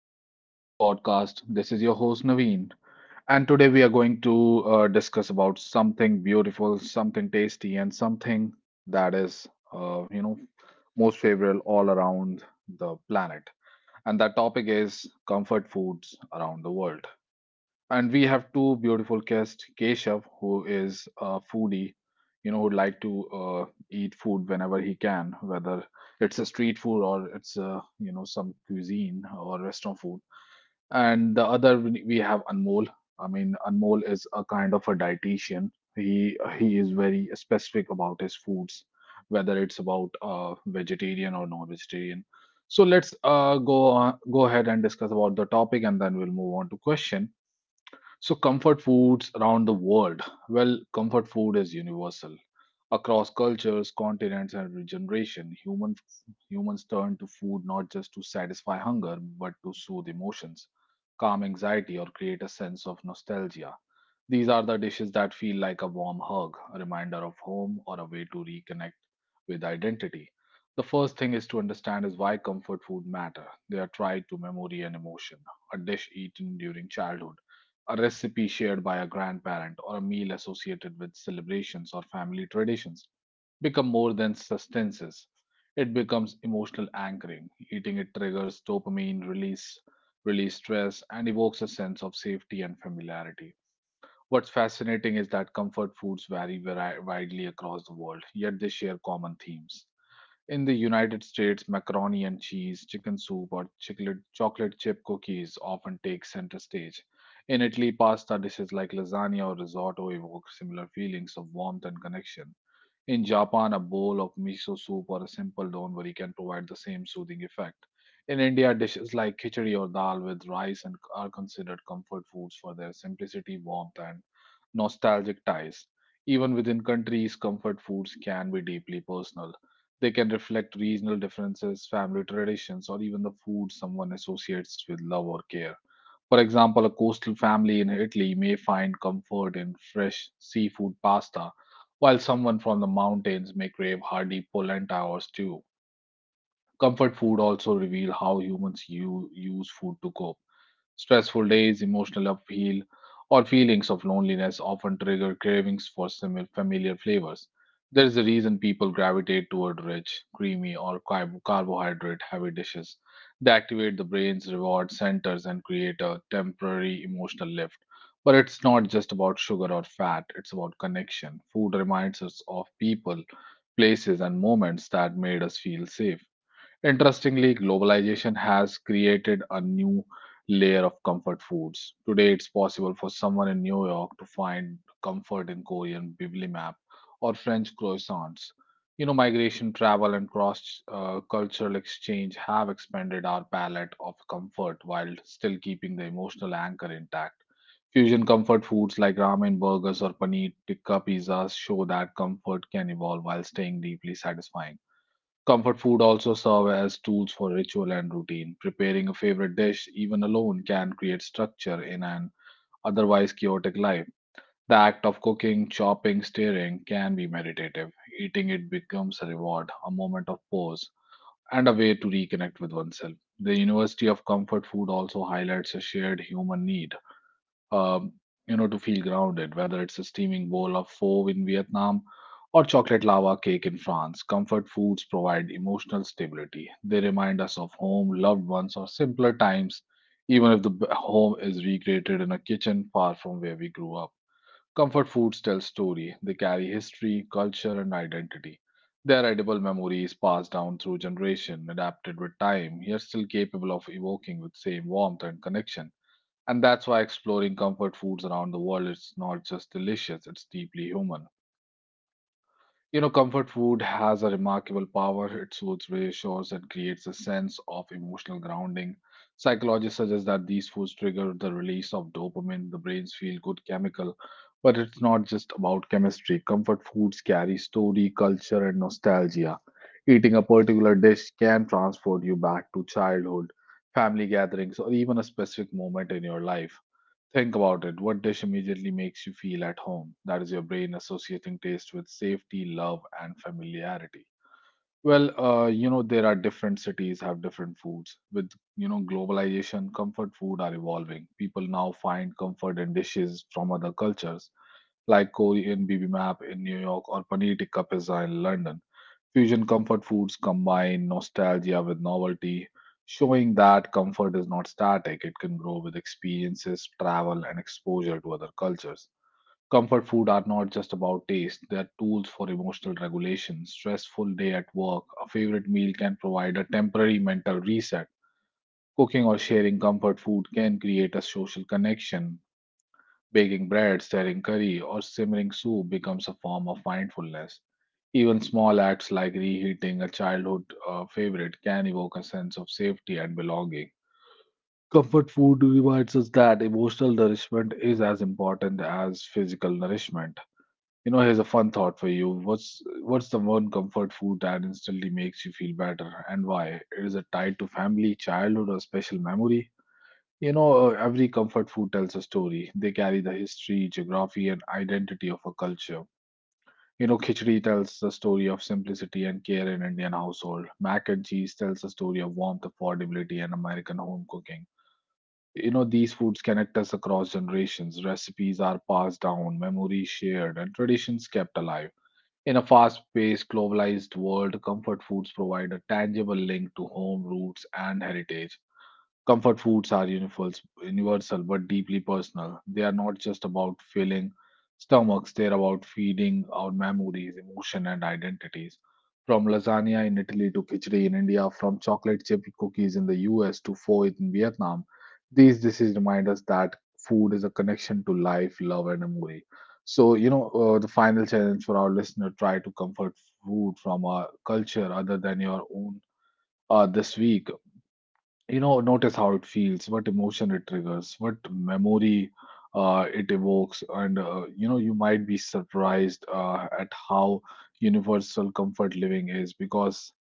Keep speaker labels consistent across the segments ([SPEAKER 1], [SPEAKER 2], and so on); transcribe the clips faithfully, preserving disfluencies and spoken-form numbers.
[SPEAKER 1] back to another podcast. This is your host Naveen, and today we are going to uh, discuss about something beautiful, something tasty, and something that is, uh, you know, most favorable all around the planet. And that topic is comfort foods around the world, and we have two beautiful guests, Keshav, who is a foodie, you know, who'd like to uh, eat food whenever he can, whether it's a street food or it's uh, you know some cuisine or restaurant food. And the other we we have Anmol. I mean, Anmol is a kind of a dietitian. He he is very specific about his foods, whether it's about uh, vegetarian or non-vegetarian. So let's uh, go on, go ahead and discuss about the topic, and then we'll move on to question. So, comfort foods around the world. Well, comfort food is universal. Across cultures, continents, and generation, human, humans turn to food not just to satisfy hunger, but to soothe emotions, calm anxiety, or create a sense of nostalgia. These are the dishes that feel like a warm hug, a reminder of home, or a way to reconnect with identity. The first thing is to understand is why comfort food matter. They are tied to memory and emotion. A dish eaten during childhood, a recipe shared by a grandparent, or a meal associated with celebrations or family traditions become more than sustenances. It becomes emotional anchoring. Eating it triggers dopamine release, release stress, and evokes a sense of safety and familiarity. What's fascinating is that comfort foods vary vari- widely across the world, yet they share common themes. In the United States, macaroni and cheese, chicken soup, or chiclet- chocolate chip cookies often take center stage. In Italy, pasta dishes like lasagna or risotto evoke similar feelings of warmth and connection. In Japan, a bowl of miso soup or a simple donburi can provide the same soothing effect. In India, dishes like khichdi or dal with rice and are considered comfort foods for their simplicity, warmth, and nostalgic ties. Even within countries, comfort foods can be deeply personal. They can reflect regional differences, family traditions, or even the food someone associates with love or care. For example, a coastal family in Italy may find comfort in fresh seafood pasta, while someone from the mountains may crave hearty polenta or stew. Comfort food also reveal how humans u- use food to cope. Stressful days, emotional upheaval, or feelings of loneliness often trigger cravings for similar familiar flavors. There is a reason people gravitate toward rich, creamy, or carbohydrate heavy dishes. They activate the brain's reward centers and create a temporary emotional lift. But it's not just about sugar or fat, it's about connection. Food reminds us of people, places, and moments that made us feel safe. Interestingly, globalization has created a new layer of comfort foods. Today, it's possible for someone in New York to find comfort in Korean bibimbap or French croissants. You know, migration, travel, and cross uh, cultural exchange have expanded our palette of comfort while still keeping the emotional anchor intact. Fusion comfort foods like ramen, burgers, or paneer tikka pizzas show that comfort can evolve while staying deeply satisfying. Comfort food also serve as tools for ritual and routine. Preparing a favorite dish, even alone, can create structure in an otherwise chaotic life. The act of cooking, chopping, stirring can be meditative. Eating it becomes a reward, a moment of pause, and a way to reconnect with oneself. The University of Comfort Food also highlights a shared human need um, you know, to feel grounded, whether it's a steaming bowl of pho in Vietnam or chocolate lava cake in France. Comfort foods provide emotional stability. They remind us of home, loved ones, or simpler times, even if the b- home is recreated in a kitchen far from where we grew up. Comfort foods tell story. They carry history, culture, and identity. They are edible memories passed down through generation, adapted with time, yet still capable of evoking with same warmth and connection. And that's why exploring comfort foods around the world is not just delicious, it's deeply human. You know, comfort food has a remarkable power. It soothes, reassures, and creates a sense of emotional grounding. Psychologists suggest that these foods trigger the release of dopamine, the brain's feel good chemical. But it's not just about chemistry. Comfort foods carry story, culture, and nostalgia. Eating a particular dish can transport you back to childhood, family gatherings, or even a specific moment in your life. Think about it. What dish immediately makes you feel at home? That is your brain associating taste with safety, love, and familiarity. Well, uh, you know, there are different cities have different foods. With, you know, globalization, comfort food are evolving. People now find comfort in dishes from other cultures, like Korean bibimbap in New York or paneer tikka pizza in London. Fusion comfort foods combine nostalgia with novelty, showing that comfort is not static. It can grow with experiences, travel, and exposure to other cultures. Comfort food are not just about taste, they are tools for emotional regulation. Stressful day at work, a favorite meal can provide a temporary mental reset. Cooking or sharing comfort food can create a social connection. Baking bread, stirring curry, or simmering soup becomes a form of mindfulness. Even small acts like reheating a childhood uh, favorite can evoke a sense of safety and belonging. Comfort food reminds us that emotional nourishment is as important as physical nourishment. You know, here's a fun thought for you. What's what's the one comfort food that instantly makes you feel better, and why? Is it tied to family, childhood, or special memory? You know, uh, every comfort food tells a story. They carry the history, geography, and identity of a culture. You know, khichdi tells the story of simplicity and care in Indian household. Mac and cheese tells the story of warmth, affordability, and American home cooking. You know, these foods connect us across generations. Recipes are passed down, memories shared, and traditions kept alive. In a fast paced, globalized world, comfort foods provide a tangible link to home roots and heritage. Comfort foods are universal, universal but deeply personal. They are not just about filling stomachs, they're about feeding our memories, emotion, and identities. From lasagna in Italy to khichdi in India, from chocolate chip cookies in the U S to pho in Vietnam, these dishes remind us that food is a connection to life, love, and memory. So, you know, uh, the final challenge for our listener: try to comfort food from a culture other than your own uh, this week. You know, notice how it feels, what emotion it triggers, what memory uh, it evokes, and uh, you know, you might be surprised uh, at how universal comfort living is, because,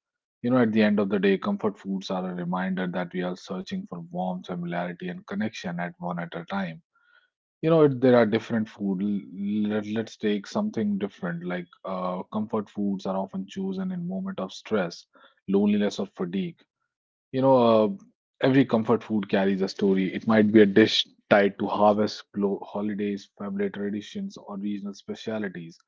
[SPEAKER 1] you know, at the end of the day, comfort foods are a reminder that we are searching for warmth, familiarity, and connection at one at a time. You know, it- there are different food. l- Let, let's take something different. Like uh, comfort foods are often chosen in moment of stress, loneliness, or fatigue. You know, uh, every comfort food carries a story. It might be a dish tied to harvest, glo- holidays, family traditions, or regional specialities.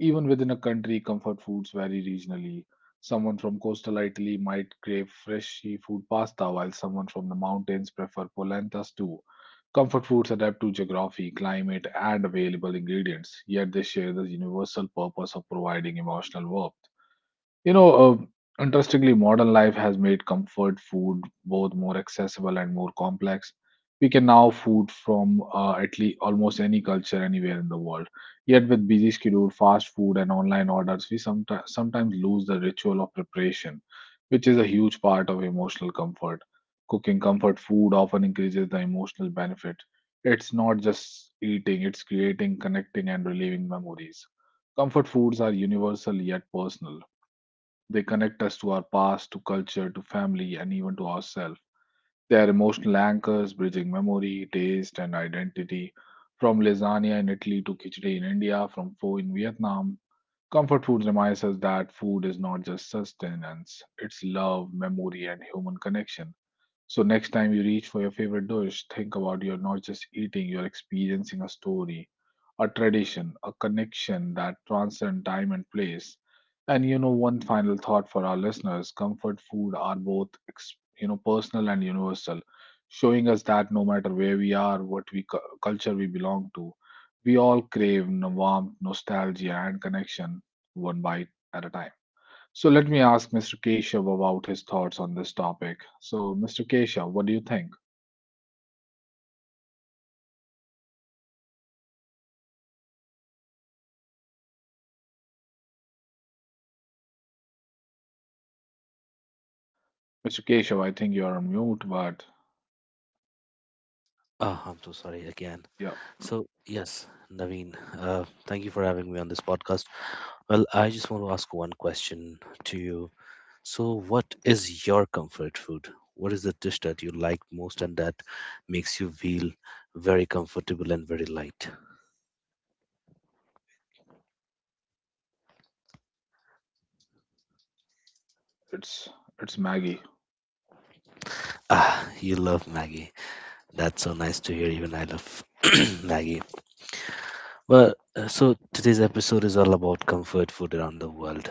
[SPEAKER 1] Even within a country, comfort foods vary regionally. Someone from coastal Italy might crave fresh seafood pasta, while someone from the mountains prefer polenta stew. Comfort foods adapt to geography, climate, and available ingredients, yet they share the universal purpose of providing emotional warmth. You know, uh, interestingly, modern life has made comfort food both more accessible and more complex. We can now food from uh, at least almost any culture anywhere in the world. Yet, with busy schedule, fast food, and online orders, we sometimes sometimes lose the ritual of preparation, which is a huge part of emotional comfort. Cooking comfort food often increases the emotional benefit. It's not just eating; it's creating, connecting, and relieving memories. Comfort foods are universal yet personal. They connect us to our past, to culture, to family, and even to ourselves. They are emotional anchors, bridging memory, taste, and identity. From lasagna in Italy to khichdi in India, from pho in Vietnam, comfort food reminds us that food is not just sustenance, it's love, memory, and human connection. So, next time you reach for your favorite dish, think about you're not just eating, you're experiencing a story, a tradition, a connection that transcend time and place. And you know, one final thought for our listeners: comfort food are both ex- you know personal and universal, showing us that no matter where we are, what we cu- culture we belong to, we all crave n- warmth, nostalgia, and connection, one bite at a time. So let me ask Mister Keshav about his thoughts on this topic. So, Mister Keshav, what do you think? Mister Keshav, I think you're on mute, but
[SPEAKER 2] Oh, I'm so sorry again.
[SPEAKER 1] yeah,
[SPEAKER 2] So, yes, Naveen, uh, thank you for having me on this podcast. Well, I just want to ask one question to you. So, what is your comfort food? What is the dish that you like most and that makes you feel very comfortable and very light?
[SPEAKER 1] it's it's Maggie.
[SPEAKER 2] Ah, you love Maggie. That's so nice to hear. Even I love Maggie. Well, uh, so today's episode is all about comfort food around the world.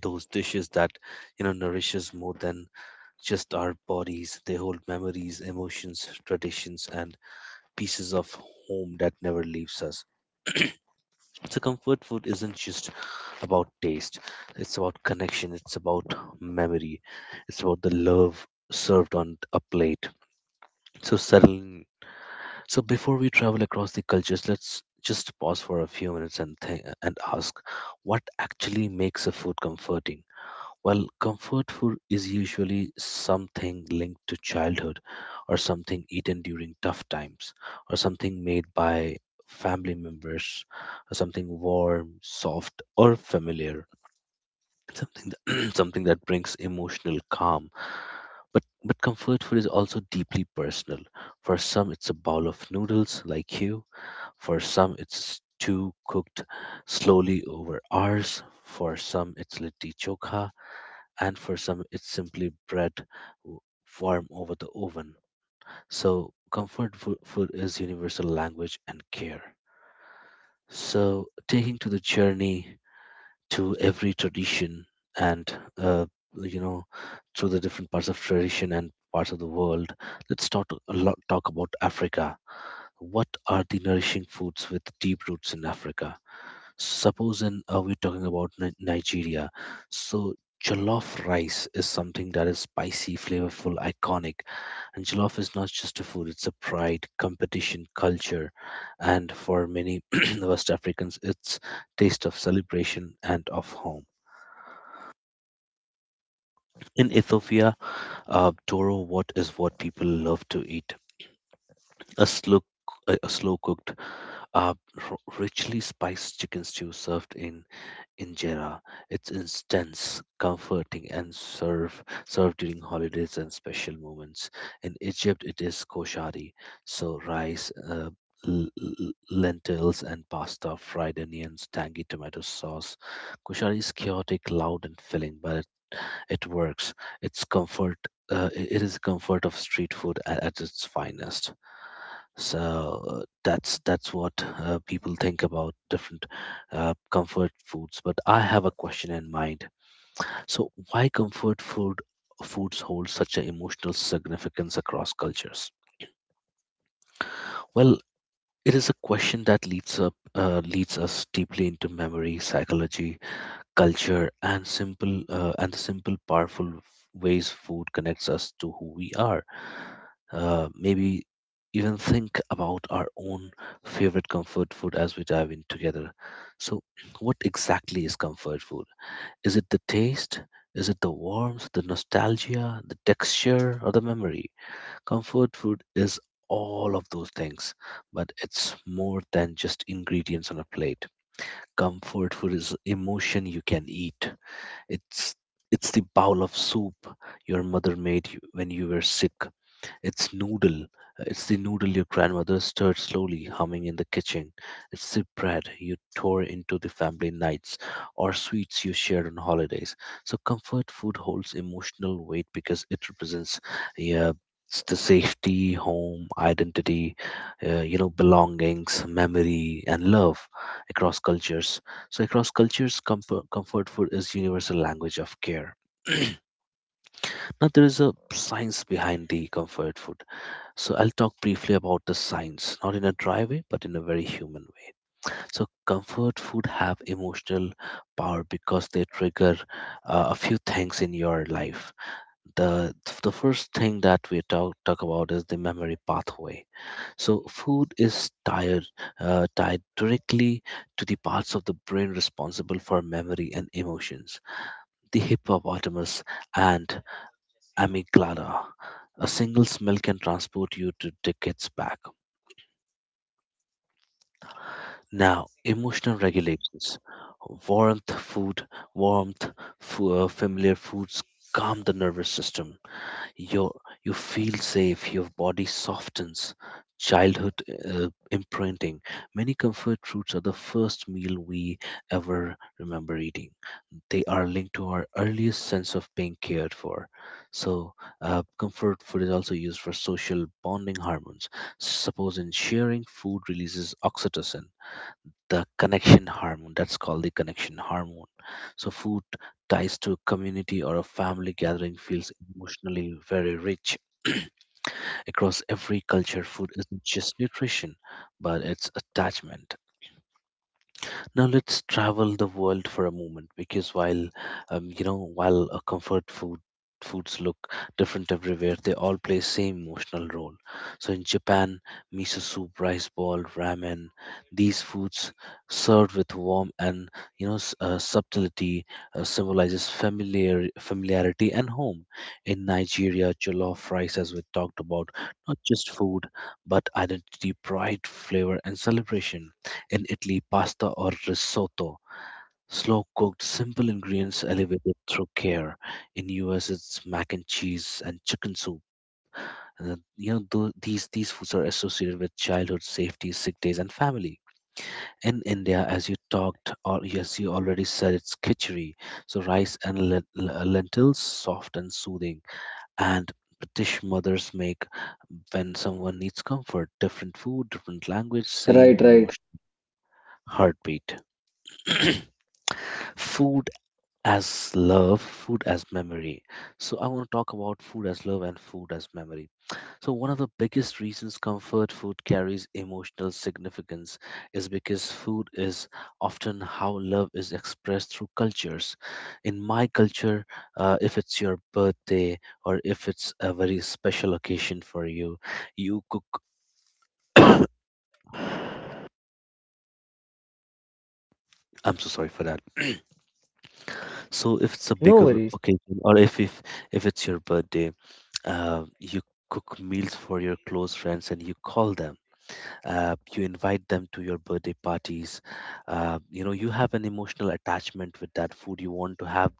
[SPEAKER 2] Those dishes that you know nourishes more than just our bodies. They hold memories, emotions, traditions, and pieces of home that never leaves us. So, comfort food isn't just about taste, it's about connection, it's about memory, it's about the love served on a plate. So, settling. So, before we travel across the cultures, let's just pause for a few minutes and think and ask what actually makes a food comforting. Well, comfort food is usually something linked to childhood, or something eaten during tough times, or something made by family members, or something warm, soft, or familiar, something that, something that brings emotional calm. But but comfort food is also deeply personal. For some, it's a bowl of noodles, like you. For some, it's stew cooked slowly over hours. For some, it's litti chokha, and for some it's simply bread w- warm over the oven. So, comfort fo- food is universal language and care. So, taking to the journey to every tradition and, uh, you know, through the different parts of tradition and parts of the world, let's talk a lot talk about Africa. What are the nourishing foods with deep roots in Africa? Supposing uh, we're talking about Ni- Nigeria, so jollof rice is something that is spicy, flavorful, iconic. And jollof is not just a food, it's a pride, competition, culture. And for many West Africans, it's taste of celebration and of home. In Ethiopia, uh, Doro what is what people love to eat. A slow a slow cooked, uh, r- richly spiced chicken stew served in injera. It's intense, comforting, and serve served during holidays and special moments. In Egypt, it is koshari, so rice, uh, l- l- lentils, and pasta, fried onions, tangy tomato sauce. Koshari is chaotic, loud, and filling, but it, it works. It's comfort. Uh, i- it is comfort of street food at, at its finest. So uh, that's that's what uh, people think about different uh, comfort foods. But I have a question in mind. So why comfort food foods hold such an emotional significance across cultures? Well, it is a question that leads up uh, leads us deeply into memory, psychology, culture, and simple uh, and the simple powerful ways food connects us to who we are. Uh, maybe even think about our own favorite comfort food as we dive in together. So, what exactly is comfort food? Is it the taste? Is it the warmth, the nostalgia, the texture, or the memory? Comfort food is all of those things, but it's more than just ingredients on a plate. Comfort food is emotion you can eat. It's it's the bowl of soup your mother made you when you were sick. it's noodle. It's the noodle your grandmother stirred slowly, humming in the kitchen. It's the bread you tore into the family nights, or sweets you shared on holidays. So, comfort food holds emotional weight because it represents, yeah, s- the safety, home, identity, uh, you know, belongings, memory, and love across cultures. So, across cultures, comfort, comfort food is universal language of care. Now there is a science behind the comfort food, so I'll talk briefly about the science, not in a dry way, but in a very human way. So comfort food have emotional power because they trigger uh, a few things in your life. The the first thing that we talk talk about is the memory pathway. So food is tied uh, tied directly to the parts of the brain responsible for memory and emotions, the hippopotamus and amygdala. A single smell can transport you to decades back. Now, emotional regulations. Warmth, food, warmth, fo- uh, Familiar foods calm the nervous system. You you feel safe. Your body softens. Childhood uh, imprinting. Many comfort foods are the first meal we ever remember eating. They are linked to our earliest sense of being cared for. So, uh, comfort food is also used for social bonding hormones. Suppose in sharing, food releases oxytocin, the connection hormone. That's called the connection hormone. So food ties to a community or a family gathering feels emotionally very rich. Across every culture, food isn't just nutrition, but it's attachment. Now let's travel the world for a moment because while um, you know while a comfort food foods look different everywhere, they all play same emotional role. So in Japan, miso soup, rice ball, ramen, these foods served with warmth and you know s- uh, subtlety uh, symbolizes familiar familiarity and home. In Nigeria, jollof rice, as we talked about, not just food but identity, pride, flavor, and celebration. In Italy, pasta or risotto, slow cooked, simple ingredients elevated through care. In U S, it's mac and cheese and chicken soup. Uh, you know, tho- these these foods are associated with childhood safety, sick days, and family. In India, as you talked or as you already said, it's khichdi, so rice and len- l- lentils, soft and soothing. And British mothers make when someone needs comfort. Different food, different language, same
[SPEAKER 3] Right, right.
[SPEAKER 2] emotion, heartbeat. Food as love, food as memory. So I want to talk about food as love and food as memory. So one of the biggest reasons comfort food carries emotional significance is because food is often how love is expressed through cultures. In my culture, uh, if it's your birthday or if it's a very special occasion for you, you cook. I'm so sorry for that. So if it's a bigger
[SPEAKER 3] No worries.
[SPEAKER 2] occasion or if if if it's your birthday, Uh, you cook meals for your close friends and you call them. Uh, you invite them to your birthday parties. Uh, you know you have an emotional attachment with that food. You want to have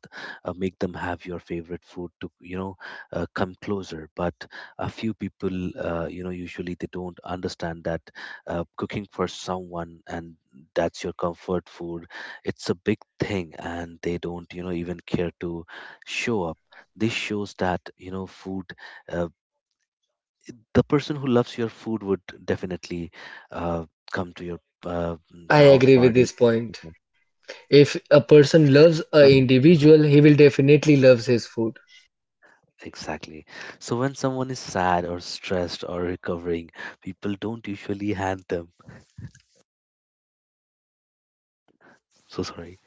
[SPEAKER 2] uh, make them have your favorite food to you know uh, come closer, but a few people uh, you know usually they don't understand that uh, cooking for someone and that's your comfort food, it's a big thing, and they don't, you know, even care to show up. This shows that, you know, food uh, the person who loves your food would definitely uh, come to your uh, mm, the
[SPEAKER 3] I
[SPEAKER 2] house
[SPEAKER 3] agree with
[SPEAKER 2] party.
[SPEAKER 3] this point. If a person loves
[SPEAKER 2] So—
[SPEAKER 3] a individual, he will definitely loves his food.
[SPEAKER 2] Exactly. So when someone is sad or stressed or recovering, people don't usually hand them. So sorry.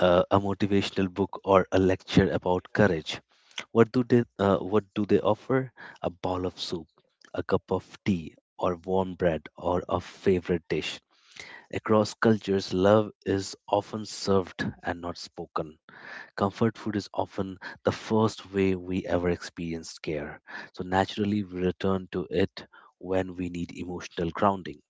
[SPEAKER 2] Uh, a motivational book or a lecture about courage. What do they? Uh, what do they offer? A bowl of soup, a cup of tea, or warm bread, or a favorite dish. Across cultures, love is often served and not spoken. Comfort food is often the first way we ever experienced care, so naturally we return to it when we need emotional grounding.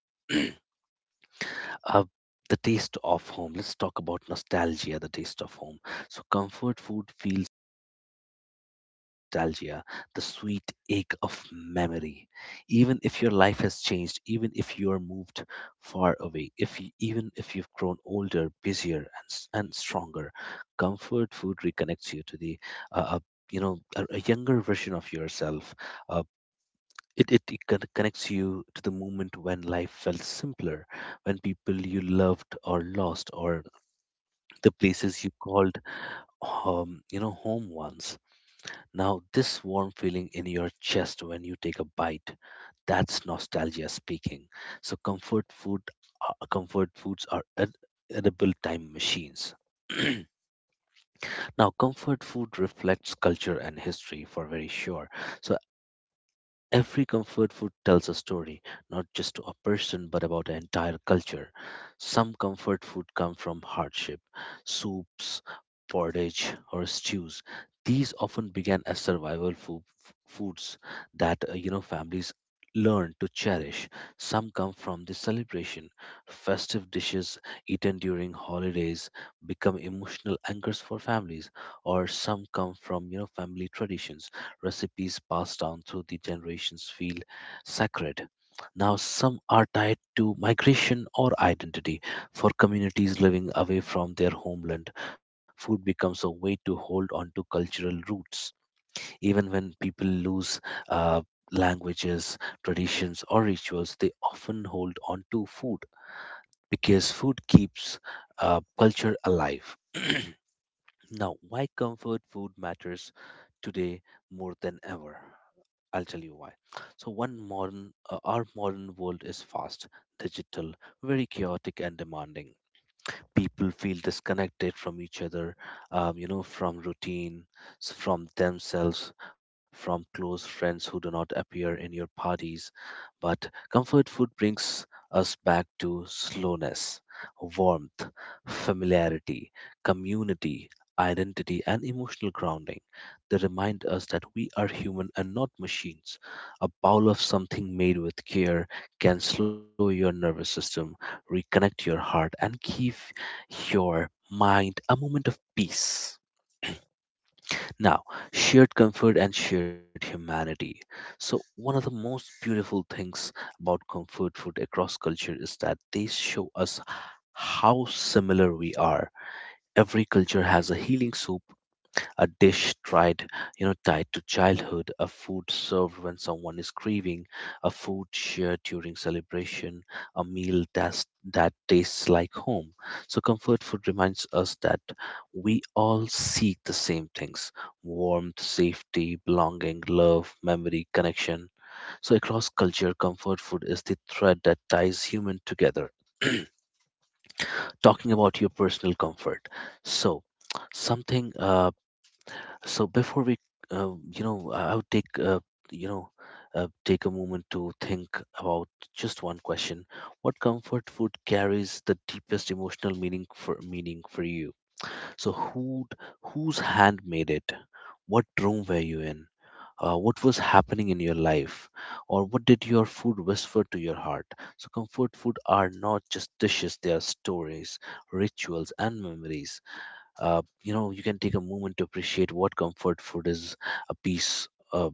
[SPEAKER 2] Uh, the taste of home. Let's talk about nostalgia, the taste of home. So, comfort food feels special because they carry nostalgia, the sweet ache of memory. Even if your life has changed, even if you are moved far away, if you, even if you've grown older, busier, and, s- and stronger, comfort food reconnects you to the, uh, uh, you know, a, a younger version of yourself. uh, it, it, it con- connects you to the moment when life felt simpler, when people you loved or lost, or the places you called um, you know home once. Now this warm feeling in your chest when you take a bite, that's nostalgia speaking. So comfort food, uh, comfort foods are ed- edible time machines. Now comfort food reflects culture and history for very sure. So every comfort food tells a story, not just to a person but about an entire culture. Some comfort food come from hardship, soups, porridge, or stews. These often began as survival fo- f- foods that, uh, you know families learned to cherish. Some come from the celebration. Festive dishes eaten during holidays become emotional anchors for families, or some come from, you know, family traditions. Recipes passed down through the generations feel sacred. Now, some are tied to migration or identity. For communities living away from their homeland, food becomes a way to hold on to cultural roots. Even when people lose uh, languages, traditions, or rituals, they often hold on to food because food keeps uh, culture alive. Now, why comfort food matters today more than ever? I'll tell you why. So one modern uh, our modern world is fast, digital, very chaotic and demanding. People feel disconnected from each other, um, you know, from routine, s- from themselves, from close friends who do not appear in your parties, but comfort food brings us back to slowness, warmth, familiarity, community, identity, and emotional grounding. They remind us that we are human and not machines. A bowl of something made with care can slow your nervous system, reconnect your heart, and give your mind a moment of peace. Now, shared comfort and shared humanity. So, one of the most beautiful things about comfort food across culture is that they show us how similar we are. Every culture has a healing soup, a dish tried, you know, tied to childhood, a food served when someone is grieving, a food shared during celebration, a meal that's, that tastes like home. So, comfort food reminds us that we all seek the same things: warmth, safety, belonging, love, memory, connection. So, across culture, comfort food is the thread that ties human together. Talking about your personal comfort. So, something uh, so before we, uh, you know, I I would take, uh, you know, uh, take a moment to think about just one question: what comfort food carries the deepest emotional meaning for meaning for you? So who, whose hand made it? What room were you in? Uh, what was happening in your life, or what did your food whisper to your heart? So comfort food are not just dishes; they are stories, rituals, and memories. Uh, you know you can take a moment to appreciate what comfort food is, a piece uh,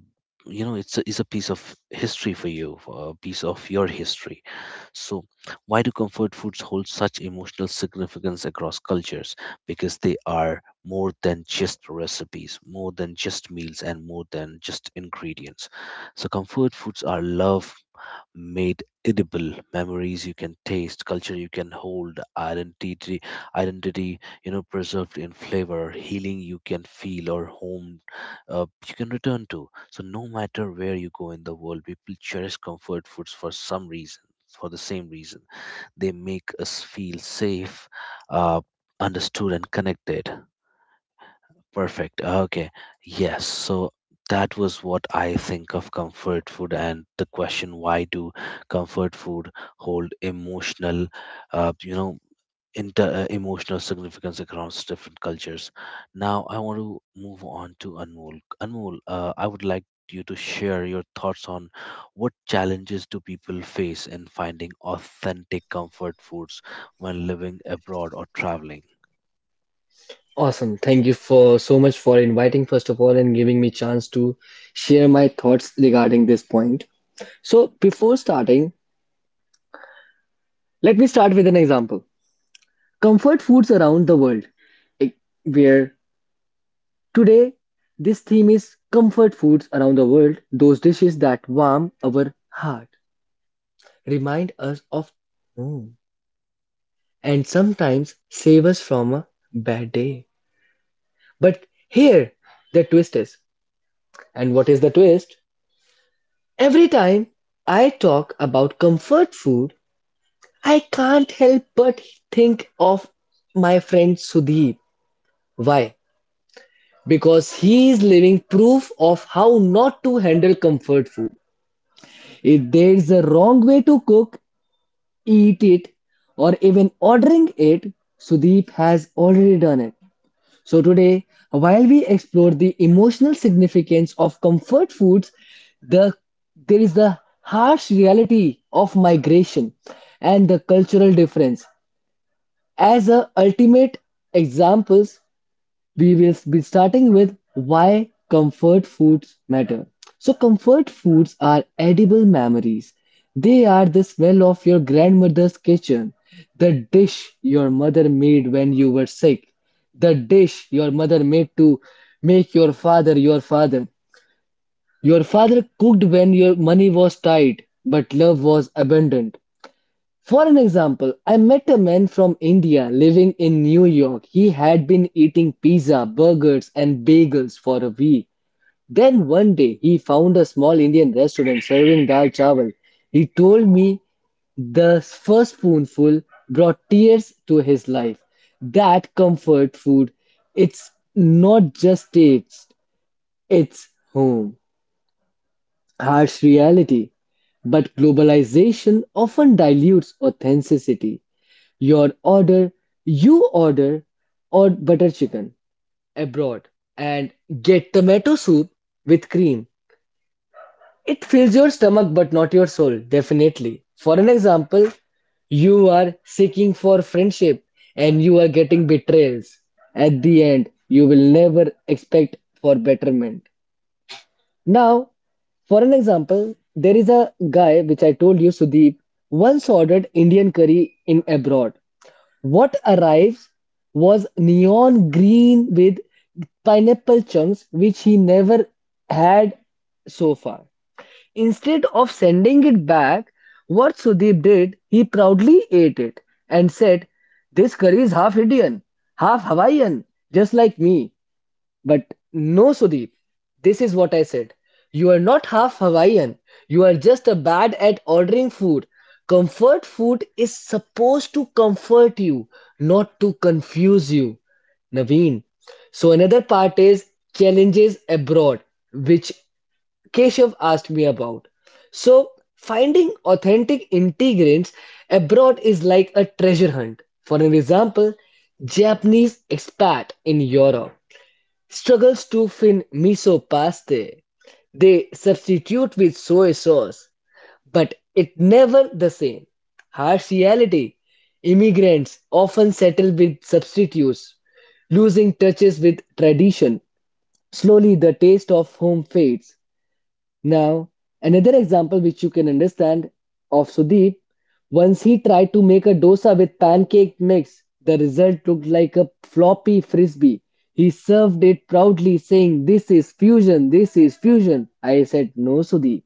[SPEAKER 2] you know it's a, it's a piece of history for you, a piece of your history. So why do comfort foods hold such emotional significance across cultures? Because they are more than just recipes, more than just meals, and more than just ingredients. So comfort foods are love made edible, memories you can taste, culture you can hold, identity identity you know preserved in flavor, healing you can feel, or home uh, you can return to. So no matter where you go in the world, people cherish comfort foods for some reason for the same reason: they make us feel safe, uh, understood and connected. Perfect. Okay. Yes. So that was what I think of comfort food and the question why do comfort food hold emotional, uh, you know, inter- uh, emotional significance across different cultures. Now I want to move on to Anmol. Anmol, uh, I would like you to share your thoughts on what challenges do people face in finding authentic comfort foods when living abroad or traveling.
[SPEAKER 3] Awesome. Thank you for so much for inviting first of all and giving me chance to share my thoughts regarding this point. So, before starting, let me start with an example. Comfort foods around the world. Eh, Where today this theme is comfort foods around the world, those dishes that warm our heart, remind us of home and sometimes save us from a bad day. But here, the twist is. And what is the twist? Every time I talk about comfort food, I can't help but think of my friend Sudeep. Why? Because he is living proof of how not to handle comfort food. If there is a wrong way to cook, eat it, or even ordering it, Sudeep has already done it. So, today, while we explore the emotional significance of comfort foods, the, there is the harsh reality of migration and the cultural difference as a ultimate examples we will be starting with why comfort foods matter. So, comfort foods are edible memories. They are the smell of your grandmother's kitchen, the dish your mother made when you were sick, the dish your mother made to make your father your father. Your father cooked when your money was tight, but love was abundant. For an example, I met a man from India living in New York. He had been eating pizza, burgers, and bagels for a week. Then one day he found a small Indian restaurant serving dal chawal. He told me the first spoonful brought tears to his life. That comfort food, it's not just taste, it's home. Harsh reality. But globalization often dilutes authenticity. Your order, you order or butter chicken abroad and get tomato soup with cream. It fills your stomach but not your soul, definitely. For an example, you are seeking for friendship and you are getting betrayals. At the end, you will never expect for betterment. Now, for an example, there is a guy which I told you, Sudeep, once ordered Indian curry in abroad. What arrives was neon green with pineapple chunks, which he never had so far. Instead of sending it back, what Sudeep did, he proudly ate it and said, "This curry is half Indian, half Hawaiian, just like me." But no, Sudeep, this is what I said. You are not half Hawaiian. You are just a bad at ordering food. Comfort food is supposed to comfort you, not to confuse you. Naveen. So another part is challenges abroad, which Keshav asked me about. So finding authentic integrants abroad is like a treasure hunt. For an example, Japanese expat in Europe struggles to fin miso paste. They substitute with soy sauce, but it never the same. Harsh reality. Immigrants often settle with substitutes, losing touches with tradition. Slowly the taste of home fades. Now, another example which you can understand of Sudeep, once he tried to make a dosa with pancake mix, the result looked like a floppy frisbee. He served it proudly, saying, "This is fusion, this is fusion." I said, "No, Sudeep,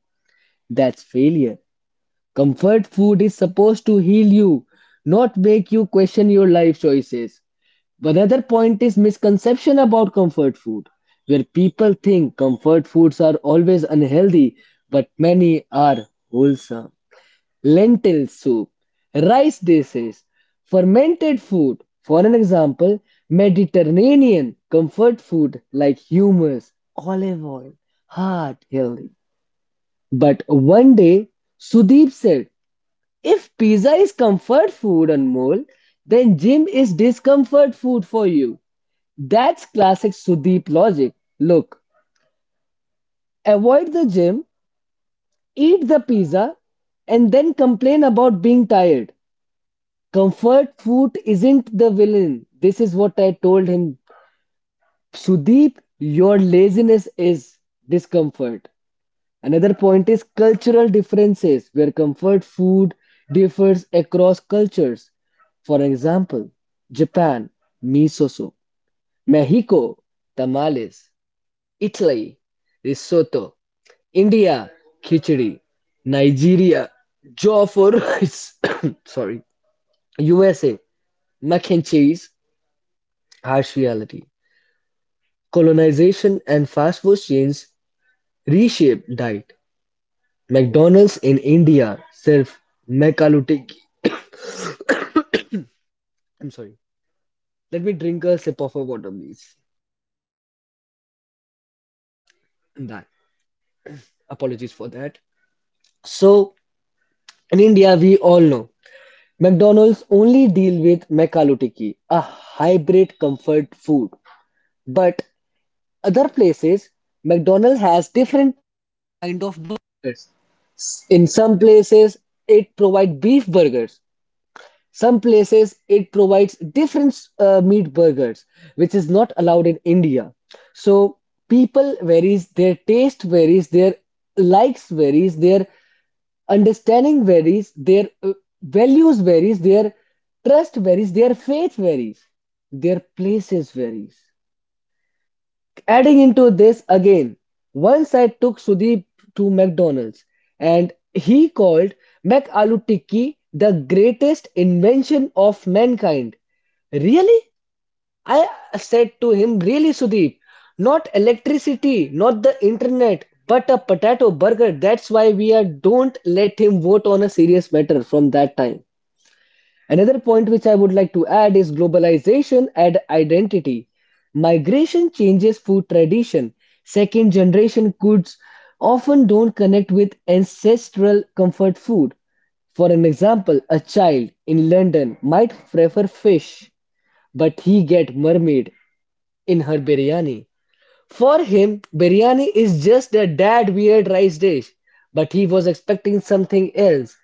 [SPEAKER 3] that's failure." Comfort food is supposed to heal you, not make you question your life choices. Another point is misconception about comfort food, where people think comfort foods are always unhealthy, but many are wholesome. Lentil soup, rice dishes, fermented food. For an example, Mediterranean comfort food like hummus, olive oil, heart healthy. But one day, Sudeep said, "If pizza is comfort food, Anmol, then gym is discomfort food for you." That's classic Sudeep logic. Look, avoid the gym, eat the pizza, and then complain about being tired. Comfort food isn't the villain. This is what I told him. Sudeep, your laziness is discomfort. Another point is cultural differences, where comfort food differs across cultures. For example, Japan, miso soup; Mexico, tamales; Italy, risotto; India khichdi; Nigeria jaw for rice, sorry, U S A mac and cheese. Harsh reality. Colonization and fast food chains reshape diet. McDonald's in India serve Mcalutiki. I'm sorry. Let me drink a sip of a water, please. That. Apologies for that. So, in India, we all know McDonald's only deal with Mcalutiki, a hybrid comfort food. But other places, McDonald's has different kind of burgers. In some places, it provides beef burgers. Some places, it provides different uh, meat burgers, which is not allowed in India. So people varies, their taste varies, their likes varies, their understanding varies, their uh, values varies, their trust varies, their faith varies, their places varies. Adding into this again, once I took Sudeep to McDonald's and he called Mac Aloo Tikki the greatest invention of mankind. Really? I said to him, "Really, Sudeep? Not electricity, not the internet, but a potato burger." That's why we are, don't let him vote on a serious matter from that time. Another point which I would like to add is globalization and identity. Migration changes food tradition. Second generation goods often don't connect with ancestral comfort food. For an example, a child in London might prefer fish, but he get mermaid in her biryani. For him, biryani is just a dad weird rice dish, but he was expecting something else.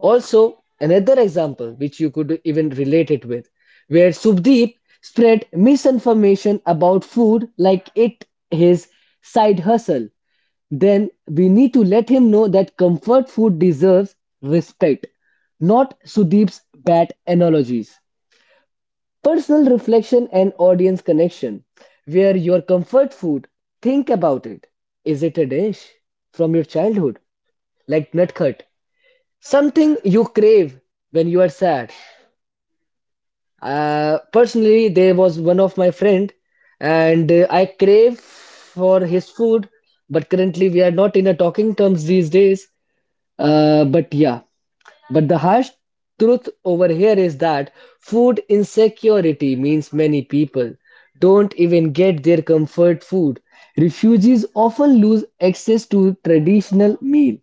[SPEAKER 3] Also, another example which you could even relate it with, where Subdeep spread misinformation about food like it his side hustle. Then we need to let him know that comfort food deserves respect, not Sudeep's bad analogies. Personal reflection and audience connection, where your comfort food, think about it. Is it a dish from your childhood, like Nutcut? Something you crave when you are sad. Uh, personally, there was one of my friend and uh, I crave for his food, but currently we are not in a talking terms these days. Uh, but yeah, but the harsh truth over here is that food insecurity means many people don't even get their comfort food. Refugees often lose access to traditional meal.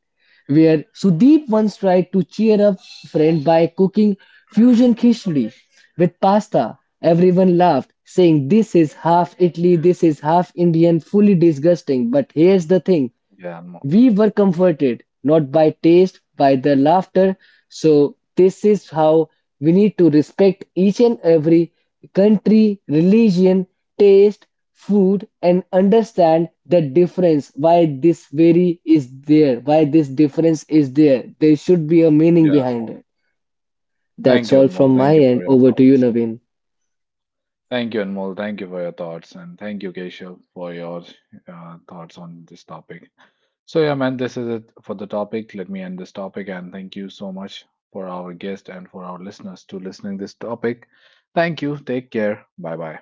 [SPEAKER 3] Where Sudeep once tried to cheer up friend by cooking fusion khichdi with pasta. Everyone laughed, saying, "This is half Italy, this is half Indian, fully disgusting." But here's the thing,
[SPEAKER 1] Yeah, Anmol.
[SPEAKER 3] we were comforted not by taste, by their laughter. So, this is how we need to respect each and every country, religion, taste, food, and understand the difference why this vary is there, why this difference is there. There should be a meaning
[SPEAKER 1] Yeah.
[SPEAKER 3] behind it.
[SPEAKER 1] Thank
[SPEAKER 3] That's
[SPEAKER 1] you,
[SPEAKER 3] all
[SPEAKER 1] Anmol.
[SPEAKER 3] from
[SPEAKER 1] Thank
[SPEAKER 3] my
[SPEAKER 1] you for
[SPEAKER 3] end.
[SPEAKER 1] your
[SPEAKER 3] Over to you,
[SPEAKER 1] thoughts.
[SPEAKER 3] Naveen.
[SPEAKER 1] Thank you, Anmol. Thank you for your thoughts. And thank you, Keshav, for your uh, thoughts on this topic. So, yeah, man, this is it for the topic. Let me end this topic. And thank you so much for our guest and for our listeners to listening this topic. Thank you. Take care. Bye bye.